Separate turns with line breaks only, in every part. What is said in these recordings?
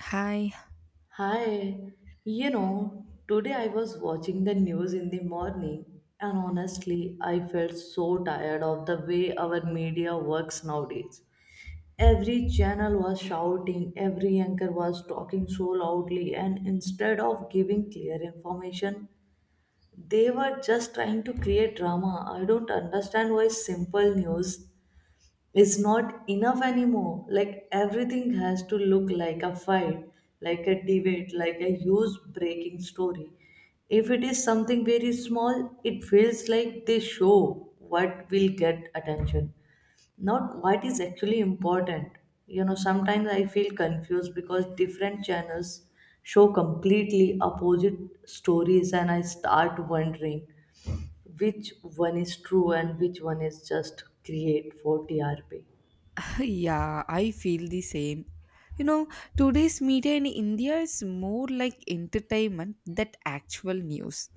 Hi.
Hi, today I was watching the news in the morning, and honestly, I felt so tired of the way our media works nowadays. Every channel was shouting, every anchor was talking so loudly, and instead of giving clear information, they were just trying to create drama. I don't understand why simple news is not enough anymore. Like everything has to look like a fight, like a debate, like a huge breaking story. If it is something very small, it feels like they show what will get attention, not what is actually important. Sometimes I feel confused because different channels show completely opposite stories, and I start wondering which one is true and which one is just create for TRP.
Yeah, I feel the same. You know, today's media in India is more like entertainment than actual news.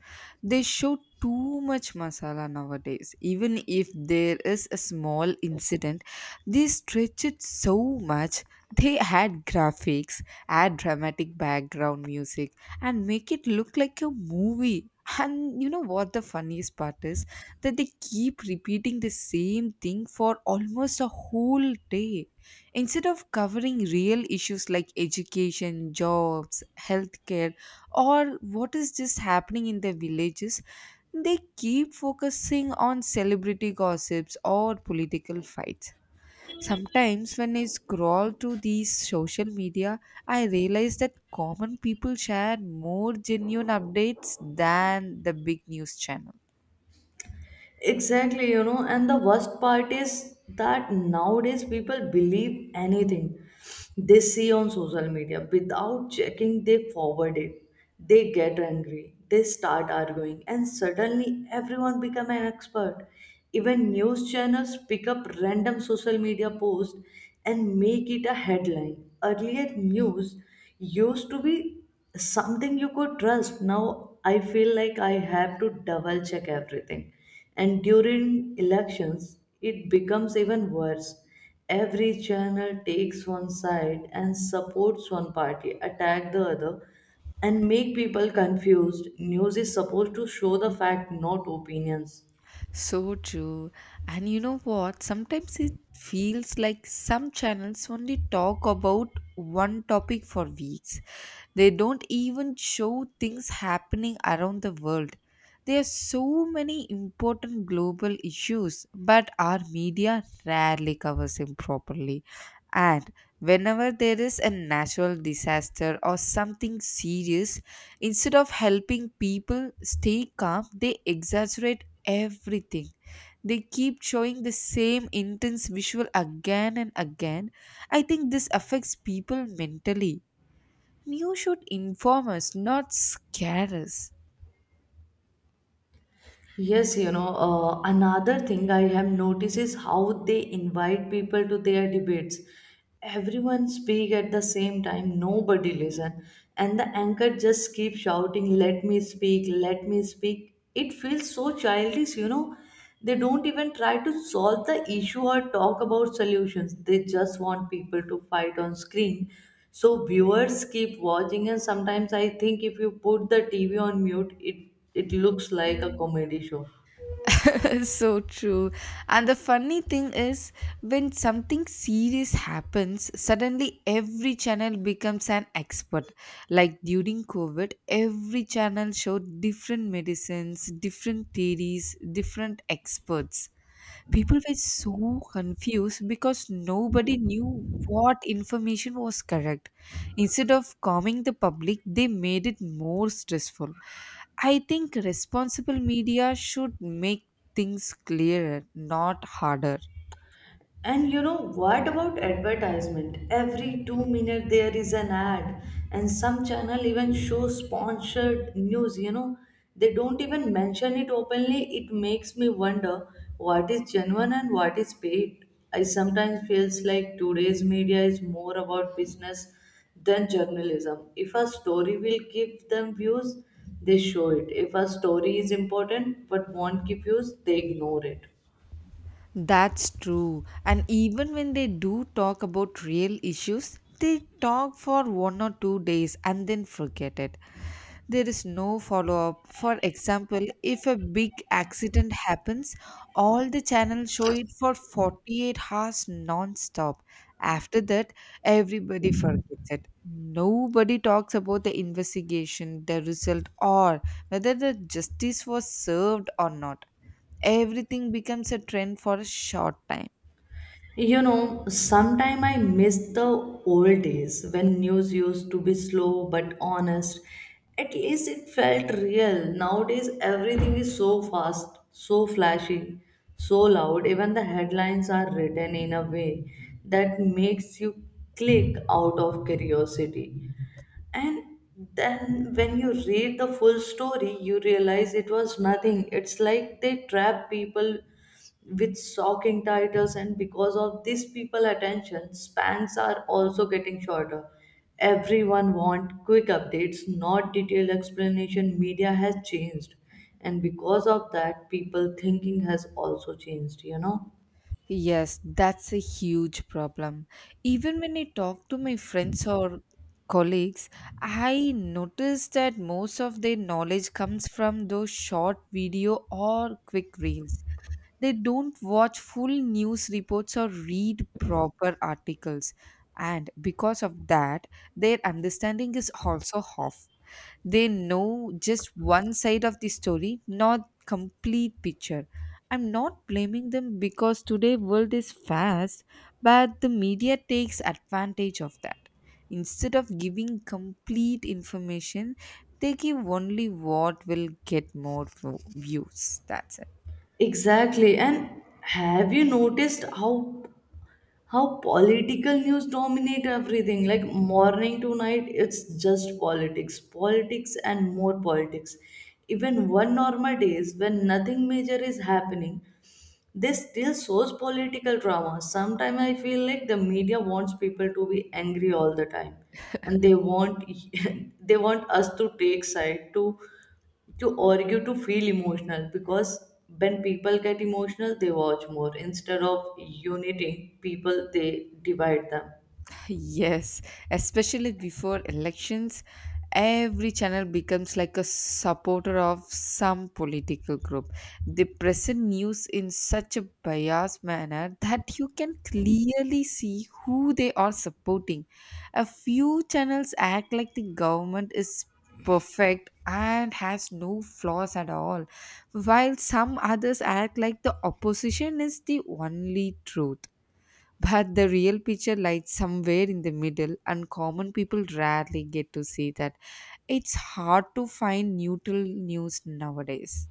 They show too much masala nowadays. Even if there is a small incident, they stretch it so much. They add graphics, add dramatic background music, and make it look like a movie. And you know what the funniest part is? That they keep repeating the same thing for almost a whole day. Instead of covering real issues like education, jobs, healthcare, or what is just happening in their villages, they keep focusing on celebrity gossips or political fights. Sometimes, when I scroll through these social media, I realize that common people share more genuine updates than the big news channels.
Exactly, and the worst part is that nowadays people believe anything they see on social media without checking, they forward it. They get angry, they start arguing, and suddenly everyone become an expert. Even news channels pick up random social media posts and make it a headline. Earlier, news used to be something you could trust. Now, I feel like I have to double check everything, and during elections, it becomes even worse. Every channel takes one side and supports one party, attack the other, and make people confused. News is supposed to show the fact, not opinions.
So true. And you know what? Sometimes it feels like some channels only talk about one topic for weeks. They don't even show things happening around the world. There are so many important global issues, but our media rarely covers them properly. And whenever there is a natural disaster or something serious, instead of helping people stay calm, they exaggerate everything. They keep showing the same intense visual again and again. I think this affects people mentally. You should inform us, not scare us.
Yes, another thing I have noticed is how they invite people to their debates. Everyone speak at the same time, nobody listen, and the anchor just keeps shouting, "Let me speak, let me speak." It feels so childish. They don't even try to solve the issue or talk about solutions. They just want people to fight on screen. So viewers keep watching, and sometimes I think if you put the TV on mute, it looks like a comedy show.
So true. And the funny thing is, when something serious happens, suddenly every channel becomes an expert. Like during covid, every channel showed different medicines, different theories, different experts. People were so confused because nobody knew what information was correct. Instead of calming the public, they made it more stressful. I think responsible media should make things clearer, not harder.
And what about advertisement? Every 2 minutes there is an ad, and some channel even show sponsored news. They don't even mention it openly. It makes me wonder what is genuine and what is paid. I sometimes feels like today's media is more about business than journalism. If a story will give them views, they show it. If a story is important but won't give views, they ignore it.
That's true. And even when they do talk about real issues, they talk for 1 or 2 days and then forget it. There is no follow up. For example, if a big accident happens, all the channels show it for 48 hours non stop. After that, everybody forgets it. Nobody talks about the investigation, the result, or whether the justice was served or not. Everything becomes a trend for a short time.
Sometime I miss the old days when news used to be slow but honest. At least it felt real. Nowadays, everything is so fast, so flashy, so loud. Even the headlines are written in a way that makes you click out of curiosity. And then when you read the full story, you realize it was nothing. It's like they trap people with shocking titles, and because of this, people attention spans are also getting shorter. Everyone want quick updates, not detailed explanation. Media has changed, and because of that, people thinking has also changed.
Yes, that's a huge problem. Even when I talk to my friends or colleagues, I notice that most of their knowledge comes from those short video or quick reels. They don't watch full news reports or read proper articles. And because of that, their understanding is also off. They know just one side of the story, not complete picture. I'm not blaming them because today world is fast, but the media takes advantage of that. Instead of giving complete information, they give only what will get more views. That's it.
Exactly. And have you noticed how political news dominate everything, like morning to night it's just politics, politics, and more politics. Even one normal days when nothing major is happening, this still shows political drama. Sometimes I feel like the media wants people to be angry all the time, and they want they want us to take side, to argue, to feel emotional. Because when people get emotional, they watch more, instead of uniting people, they divide them.
Yes, especially before elections, every channel becomes like a supporter of some political group. They present news in such a biased manner that you can clearly see who they are supporting. A few channels act like the government is perfect and has no flaws at all, while some others act like the opposition is the only truth, but the real picture lies somewhere in the middle, and common people rarely get to see that. It's hard to find neutral news nowadays.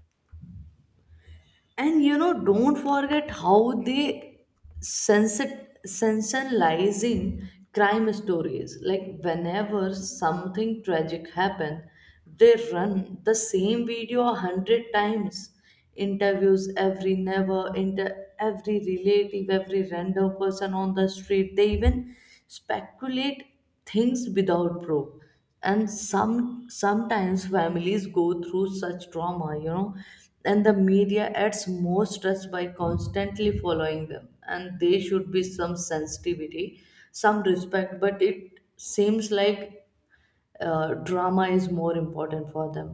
And don't forget how they sensationalizing crime stories, like whenever something tragic happened they run the same video 100 times, interviews every neighbor, every relative, every random person on the street. They even speculate things without proof. And sometimes families go through such trauma and the media adds more stress by constantly following them. And there should be some sensitivity, some respect, but it seems like drama is more important for them.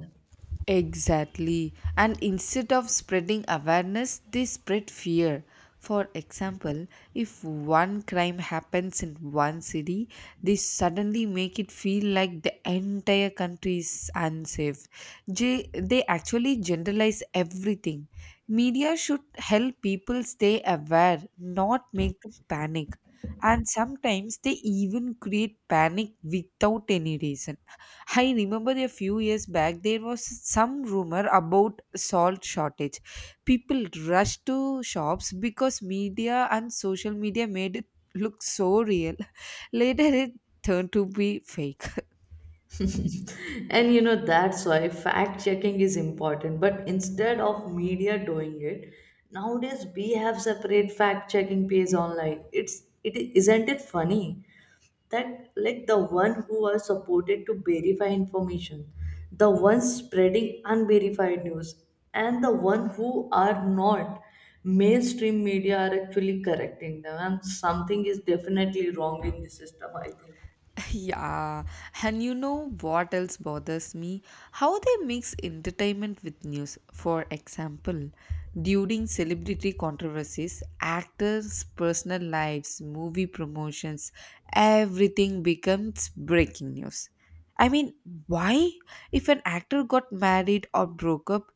Exactly. And instead of spreading awareness, they spread fear. For example, if one crime happens in one city, they suddenly make it feel like the entire country is unsafe. They actually generalize everything. Media should help people stay aware, not make them panic. And sometimes they even create panic without any reason. I remember a few years back there was some rumor about salt shortage. People rushed to shops because media and social media made it look so real. Later it turned to be fake.
And that's why fact checking is important. But instead of media doing it, nowadays we have separate fact checking page online. It's it Isn't it funny that, like, the one who are supported to verify information, the ones spreading unverified news, and the one who are not mainstream media are actually correcting them. And something is definitely wrong in the system, I think.
Yeah, and you know what else bothers me? How they mix entertainment with news. For example, during celebrity controversies, actors' personal lives, movie promotions, everything becomes breaking news. I mean, why? If an actor got married or broke up,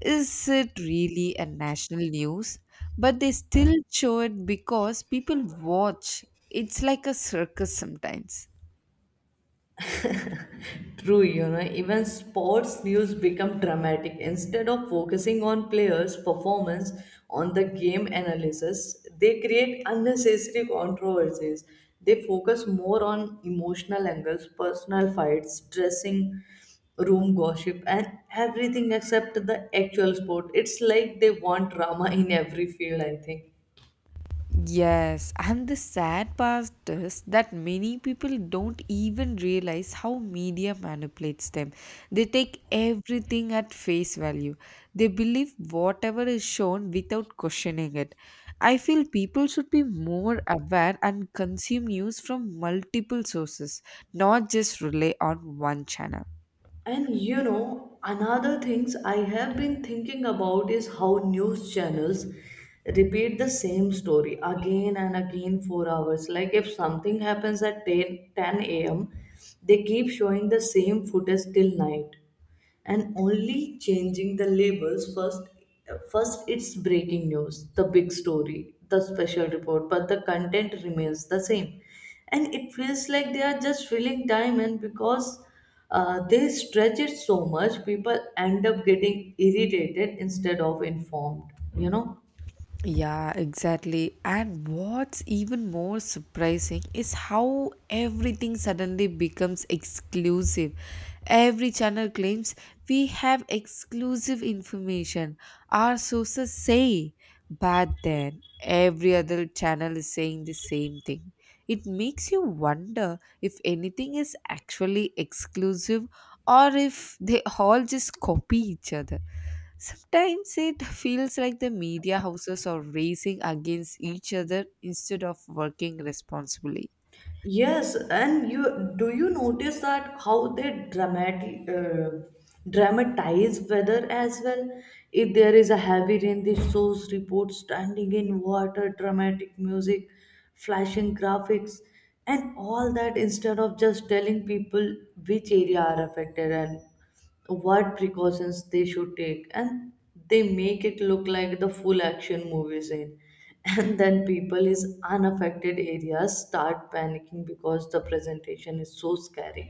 is it really a national news? But they still show it because people watch. It's like a circus sometimes.
True, even sports news become dramatic. Instead of focusing on players' performance on the game analysis, they create unnecessary controversies. They focus more on emotional angles, personal fights, dressing room gossip, and everything except the actual sport. It's like they want drama in every field, I think.
Yes, and the sad part is that many people don't even realize how media manipulates them. They take everything at face value, they believe whatever is shown without questioning it. I feel people should be more aware and consume news from multiple sources, not just rely on one channel.
And another things I have been thinking about is how news channels repeat the same story again and again for hours. Like if something happens at 10:10 a.m., they keep showing the same footage till night, and only changing the labels. First it's breaking news, the big story, the special report, but the content remains the same. And it feels like they are just filling time. And because they stretch it so much, people end up getting irritated instead of informed.
Yeah, exactly. And what's even more surprising is how everything suddenly becomes exclusive. Every channel claims we have exclusive information, our sources say. But then every other channel is saying the same thing. It makes you wonder if anything is actually exclusive, or if they all just copy each other. Sometimes it feels like the media houses are racing against each other instead of working responsibly.
Yes, and you notice that how they dramatic dramatize weather as well? If there is a heavy rain, they shows reports standing in water, dramatic music, flashing graphics, and all that instead of just telling people which area are affected and what precautions they should take. And they make it look like the full action movie scene. And then people is unaffected areas start panicking because the presentation is so scary.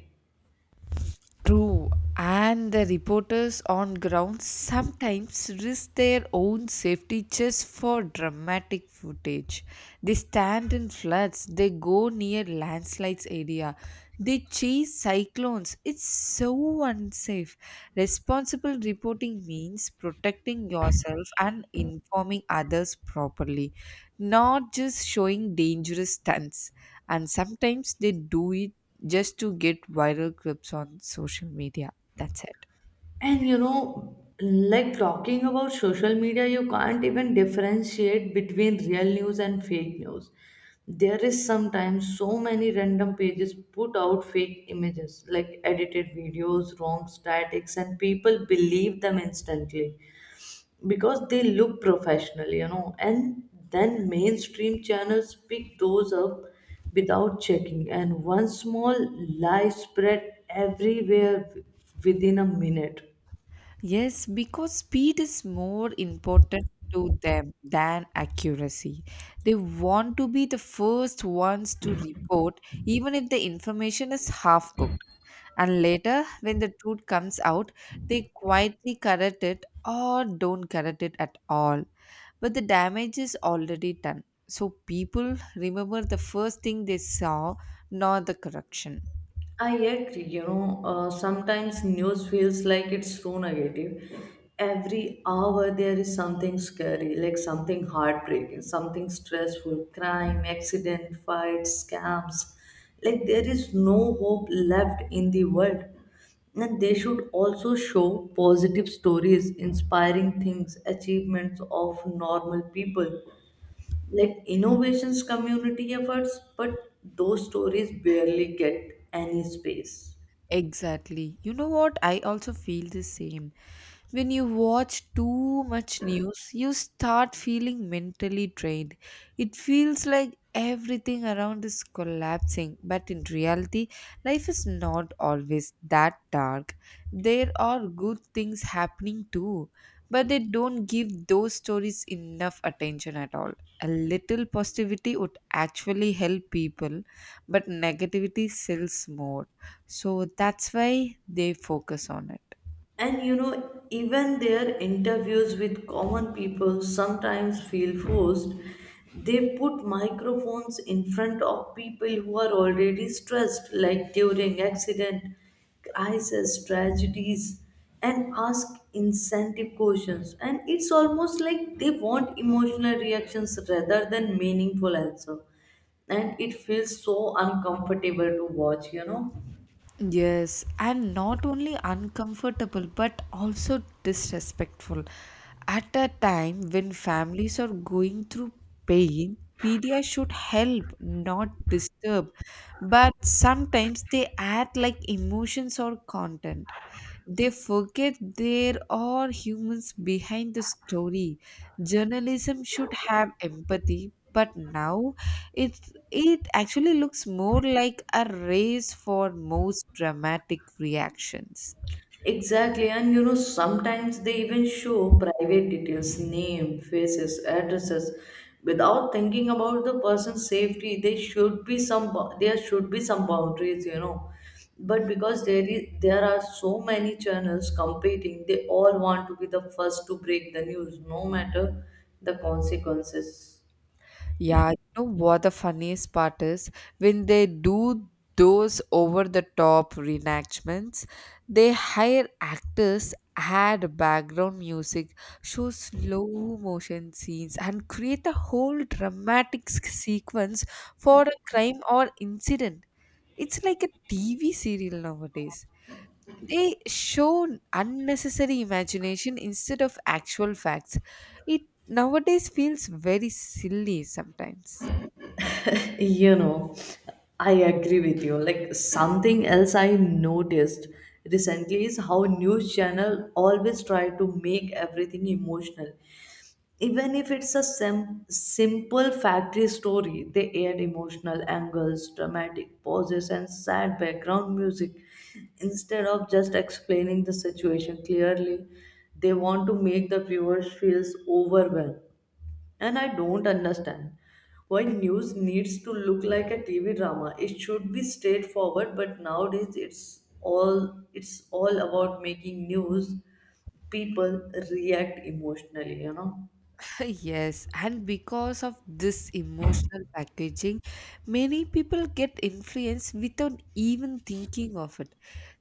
True, and the reporters on ground sometimes risk their own safety just for dramatic footage. They stand in floods, they go near landslides area, they chase cyclones. It's so unsafe. Responsible reporting means protecting yourself and informing others properly, not just showing dangerous stunts. And sometimes they do it just to get viral clips on social media. That's it.
And like talking about social media, you can't even differentiate between real news and fake news. There is sometimes so many random pages put out fake images, like edited videos, wrong statics, and people believe them instantly because they look professional, and then mainstream channels pick those up without checking, and one small lie spread everywhere within a minute.
Yes, because speed is more important to them than accuracy. They want to be the first ones to report, even if the information is half cooked. And later, when the truth comes out, they quietly correct it or don't correct it at all. But the damage is already done. So people remember the first thing they saw, not the correction.
I agree, sometimes news feels like it's so negative. Every hour there is something scary, like something heartbreaking, something stressful, crime, accident, fights, scams. Like there is no hope left in the world. And they should also show positive stories, inspiring things, achievements of normal people like innovations, community efforts, but those stories barely get any space.
Exactly. You know what? I also feel the same. When you watch too much news, you start feeling mentally drained. It feels like everything around is collapsing, but in reality, life is not always that dark. There are good things happening too, but they don't give those stories enough attention at all. A little positivity would actually help people, but negativity sells more. So that's why they focus on it.
And even their interviews with common people sometimes feel forced. They put microphones in front of people who are already stressed, like during accident, crisis, tragedies, and ask incentive questions. And it's almost like they want emotional reactions rather than meaningful answer. And it feels so uncomfortable to watch.
Yes, and not only uncomfortable but also disrespectful. At a time when families are going through pain, media should help, not disturb. But sometimes they act like emotions or content. They forget there are humans behind the story. Journalism should have empathy, but now it actually looks more like a race for most dramatic reactions.
Exactly, and sometimes they even show private details, name, faces, addresses, without thinking about the person's safety. There should be there should be some boundaries. But because there are so many channels competing, they all want to be the first to break the news, no matter the consequences.
Yeah, you know what the funniest part is? When they do those over the top reenactments, they hire actors, add background music, show slow motion scenes, and create a whole dramatic sequence for a crime or incident. It's like a TV serial nowadays. They show unnecessary imagination instead of actual facts. It nowadays feels very silly sometimes.
You know, I agree with you. Like something else I noticed recently is how news channel always try to make everything emotional. Even if it's a simple factory story, they add emotional angles, dramatic pauses, and sad background music. Instead of just explaining the situation clearly, they want to make the viewers feels overwhelmed. And I don't understand why news needs to look like a TV drama. It should be straightforward, but nowadays it's all about making news people react emotionally.
Yes, and because of this emotional packaging, many people get influenced without even thinking of it.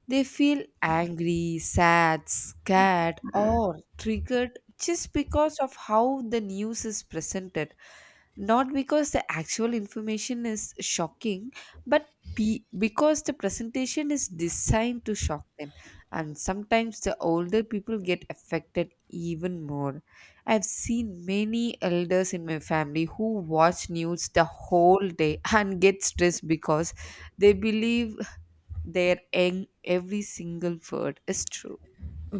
They feel angry, sad, scared, or triggered just because of how the news is presented. Not because the actual information is shocking, but because the presentation is designed to shock them. And sometimes the older people get affected even more. I've seen many elders in my family who watch news the whole day and get stressed because they believe their every single word is true.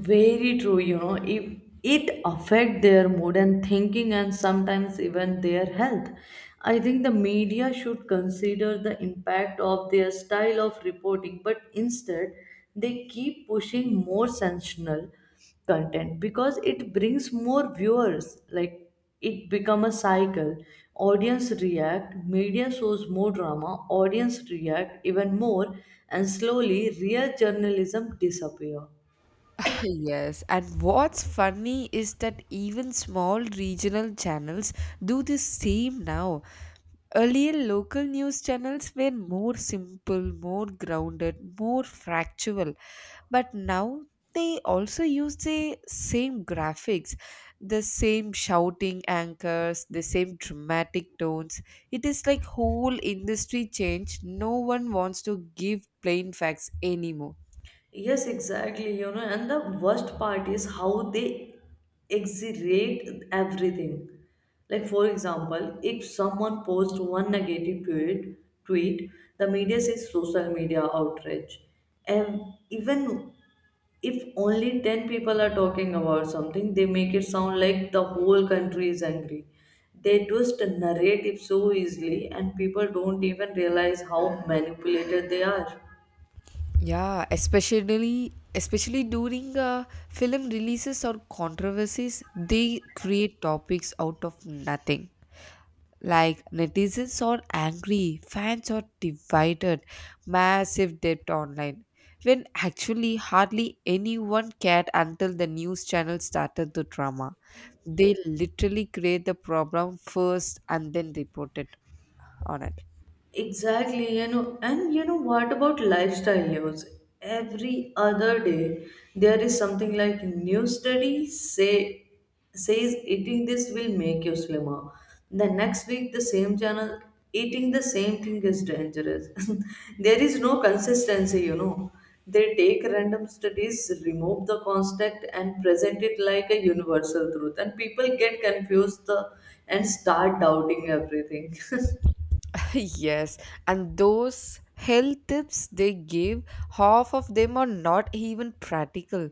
Very true, if it affect their mood and thinking, and sometimes even their health. I think the media should consider the impact of their style of reporting, but instead they keep pushing more sensational content because it brings more viewers. Like it become a cycle. Audience react, media shows more drama, audience react even more, and slowly real journalism disappear.
Yes, and what's funny is that even small regional channels do the same now. Earlier, local news channels were more simple, more grounded, more factual, but now they also use the same graphics, the same shouting anchors, the same dramatic tones. It is like whole industry change. No one wants to give plain facts anymore.
Yes, exactly. And the worst part is how they exaggerate everything. Like, for example, if someone posts one negative tweet, the media says social media outrage. And even if only 10 people are talking about something, they make it sound like the whole country is angry. They twist a narrative so easily, and people don't even realize how manipulated they are.
Yeah, especially during film releases or controversies, they create topics out of nothing. Like netizens are angry, fans are divided, massive debt online. When actually hardly anyone cared until the news channel started the drama. They literally create the problem first and then report it on it.
Exactly, and you know what about lifestyle news? Every other day, there is something like new study says eating this will make you slimmer. The next week, the same channel eating the same thing is dangerous. There is no consistency. They take random studies, remove the construct, and present it like a universal truth, and people get confused and start doubting everything.
Yes, and those health tips they give, half of them are not even practical.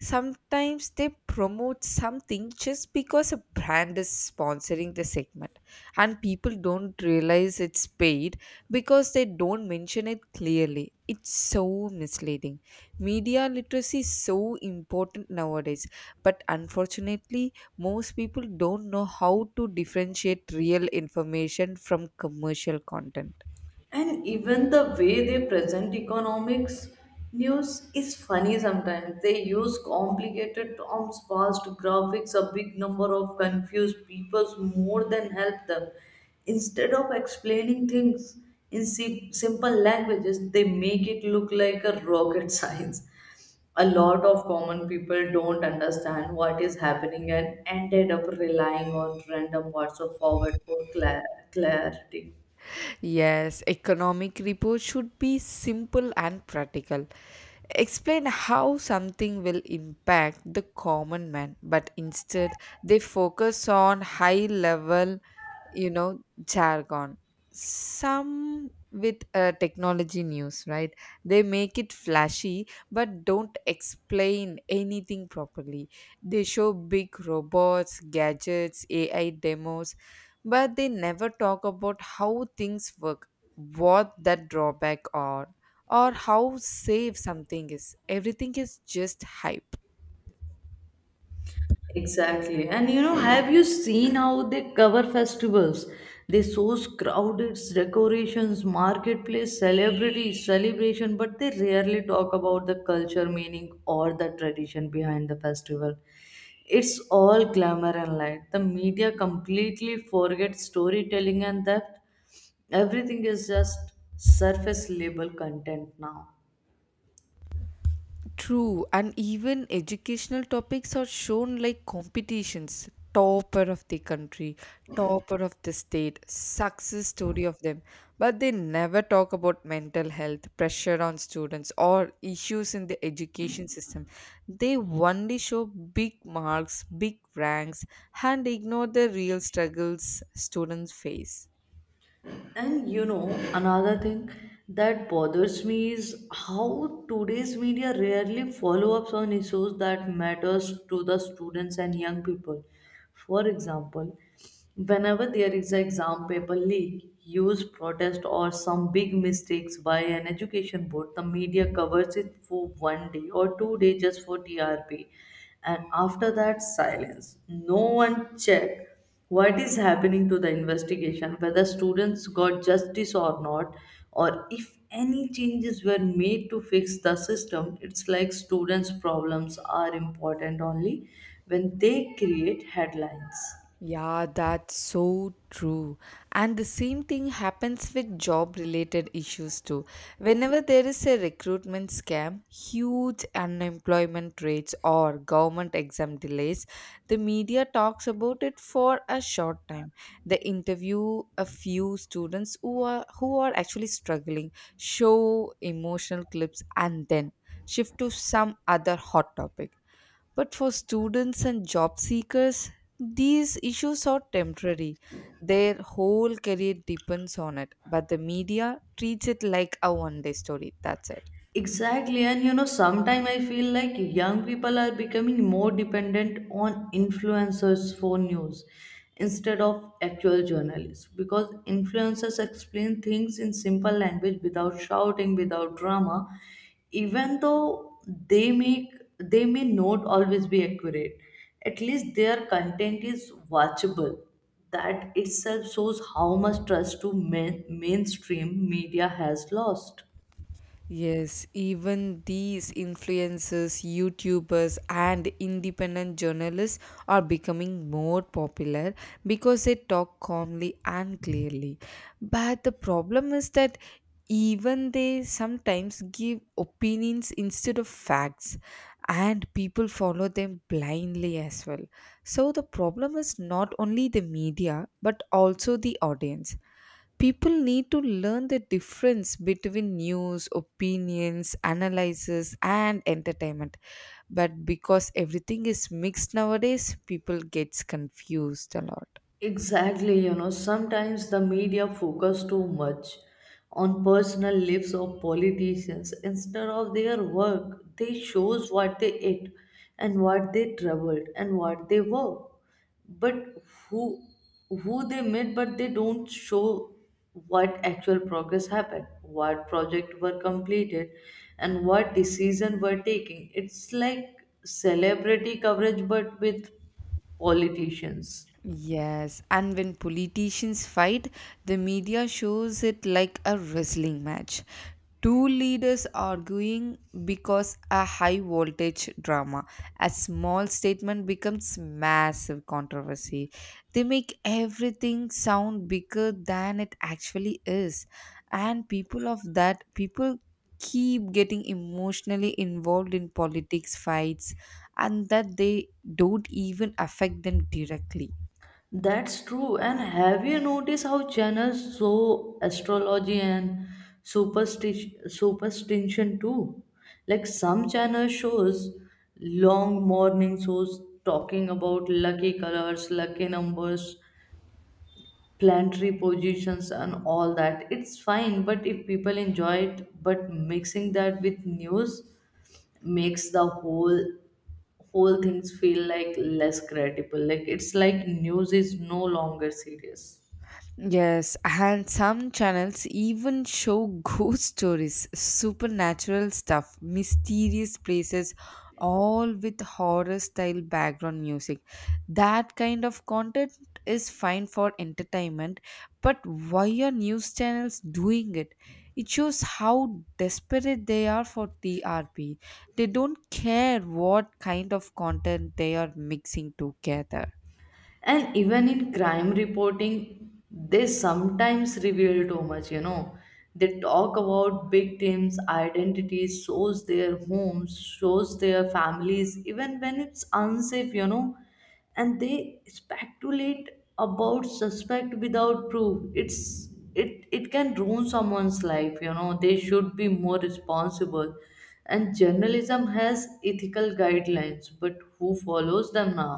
Sometimes they promote something just because a brand is sponsoring the segment, and people don't realize it's paid because they don't mention it clearly. It's so misleading. Media literacy is so important nowadays, but unfortunately most people don't know how to differentiate real information from commercial content.
And even the way they present economics news is funny sometimes. They use complicated terms, fast graphics, a big number of confused peoples more than help them. Instead of explaining things in simple languages, they make it look like a rocket science. A lot of common people don't understand what is happening and ended up relying on random words of forward for clarity.
Yes, economic report should be simple and practical. Explain how something will impact the common man, but instead they focus on high level, you know, jargon. Some with technology news, right? They make it flashy but don't explain anything properly. They show big robots, gadgets, AI demos, but they never talk about how things work, what that drawback are, or how safe something is. Everything is just hype.
Exactly. And have you seen how they cover festivals? They source crowded decorations, marketplace, celebrities, celebration, but they rarely talk about the culture, meaning, or the tradition behind the festival. It's all glamour and light. The media completely forgets storytelling, and that everything is just surface level content now.
True, and even educational topics are shown like competitions, topper of the country, topper of the state, success story of them. But they never talk about mental health, pressure on students, or issues in the education system. They only show big marks, big ranks, and ignore the real struggles students face.
And another thing that bothers me is how today's media rarely follow ups on issues that matters to the students and young people. For example, whenever there is an exam paper leak, use protest, or some big mistakes by an education board, the media covers it for one day or 2 days just for TRP. And after that silence, no one check what is happening to the investigation, whether students got justice or not, or if any changes were made to fix the system. It's like students' problems are important only when they create headlines.
Yeah, that's so true. And the same thing happens with job related issues too. Whenever there is a recruitment scam, huge unemployment rates, or government exam delays, the media talks about it for a short time. They interview a few students who are actually struggling, show emotional clips, and then shift to some other hot topic. But for students and job seekers, these issues are temporary. Their whole career depends on it. But the media treats it like a 1 day story. That's it.
Exactly, and sometimes I feel like young people are becoming more dependent on influencers for news instead of actual journalists, because influencers explain things in simple language without shouting, without drama, even though they may not always be accurate. At least their content is watchable. That itself shows how much trust to mainstream media has lost.
Yes, even these influencers, YouTubers, and independent journalists are becoming more popular because they talk calmly and clearly. But the problem is that even they sometimes give opinions instead of facts, and people follow them blindly as well. So the problem is not only the media but also the audience. People need to learn the difference between news, opinions, analysis, and entertainment. But because everything is mixed nowadays, people gets confused a lot.
Exactly, sometimes the media focus too much on personal lives of politicians instead of their work. They shows what they ate and what they traveled and what they were. But who who they met, but they don't show what actual progress happened, what project were completed, and what decision were taking. It's like celebrity coverage but with politicians.
Yes, and when politicians fight, the media shows it like a wrestling match. Two leaders arguing because a high voltage drama. A small statement becomes massive controversy. They make everything sound bigger than it actually is. And people keep getting emotionally involved in politics fights and that they don't even affect them directly.
That's true. And have you noticed how channels show astrology and superstition too? Like some channel shows long morning shows talking about lucky colors, lucky numbers, planetary positions, and all that. It's fine, but if people enjoy it, but mixing that with news makes the whole things feel like less credible. Like it's like news is no longer serious.
Yes, and some channels even show ghost stories, supernatural stuff, mysterious places, all with horror style background music. That kind of content is fine for entertainment, but why are news channels doing it? It shows how desperate they are for TRP. They don't care what kind of content they are mixing together.
And even in crime reporting they sometimes reveal too much, they talk about victims identities, shows their homes, shows their families even when it's unsafe, and they speculate about suspect without proof. It can ruin someone's life. They should be more responsible, and journalism has ethical guidelines, but who follows them now?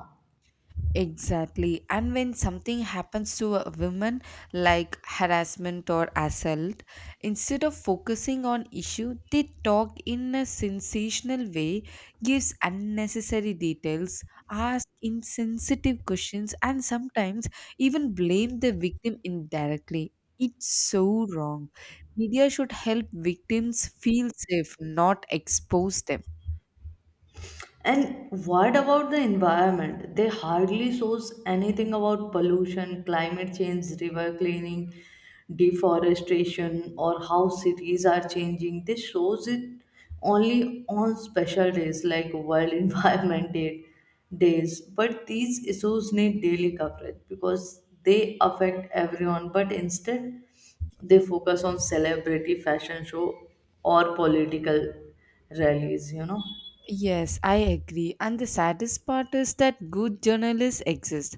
Exactly. And when something happens to a woman, like harassment or assault, instead of focusing on issue, they talk in a sensational way, gives unnecessary details, ask insensitive questions, and sometimes even blame the victim indirectly. It's so wrong. Media should help victims feel safe, not expose them.
And what about the environment? They hardly shows anything about pollution, climate change, river cleaning, deforestation, or how cities are changing. They shows it only on special days like World Environment Day days. But these issues need daily coverage because they affect everyone. But instead, they focus on celebrity fashion show or political rallies.
Yes, I agree. And the saddest part is that good journalists exist,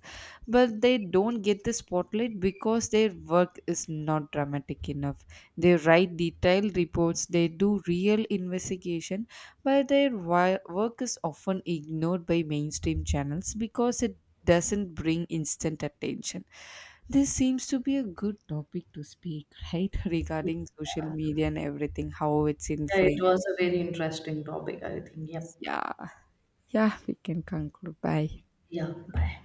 but they don't get the spotlight because their work is not dramatic enough. They write detailed reports, they do real investigation, but their work is often ignored by mainstream channels because it doesn't bring instant attention. This seems to be a good topic to speak, right? Regarding social media and everything, how it's
Yeah, it
influenced.
was a very interesting topic, I think. Yep.
Yeah. Ja, weekend kan kanker bij.
Yeah, bye.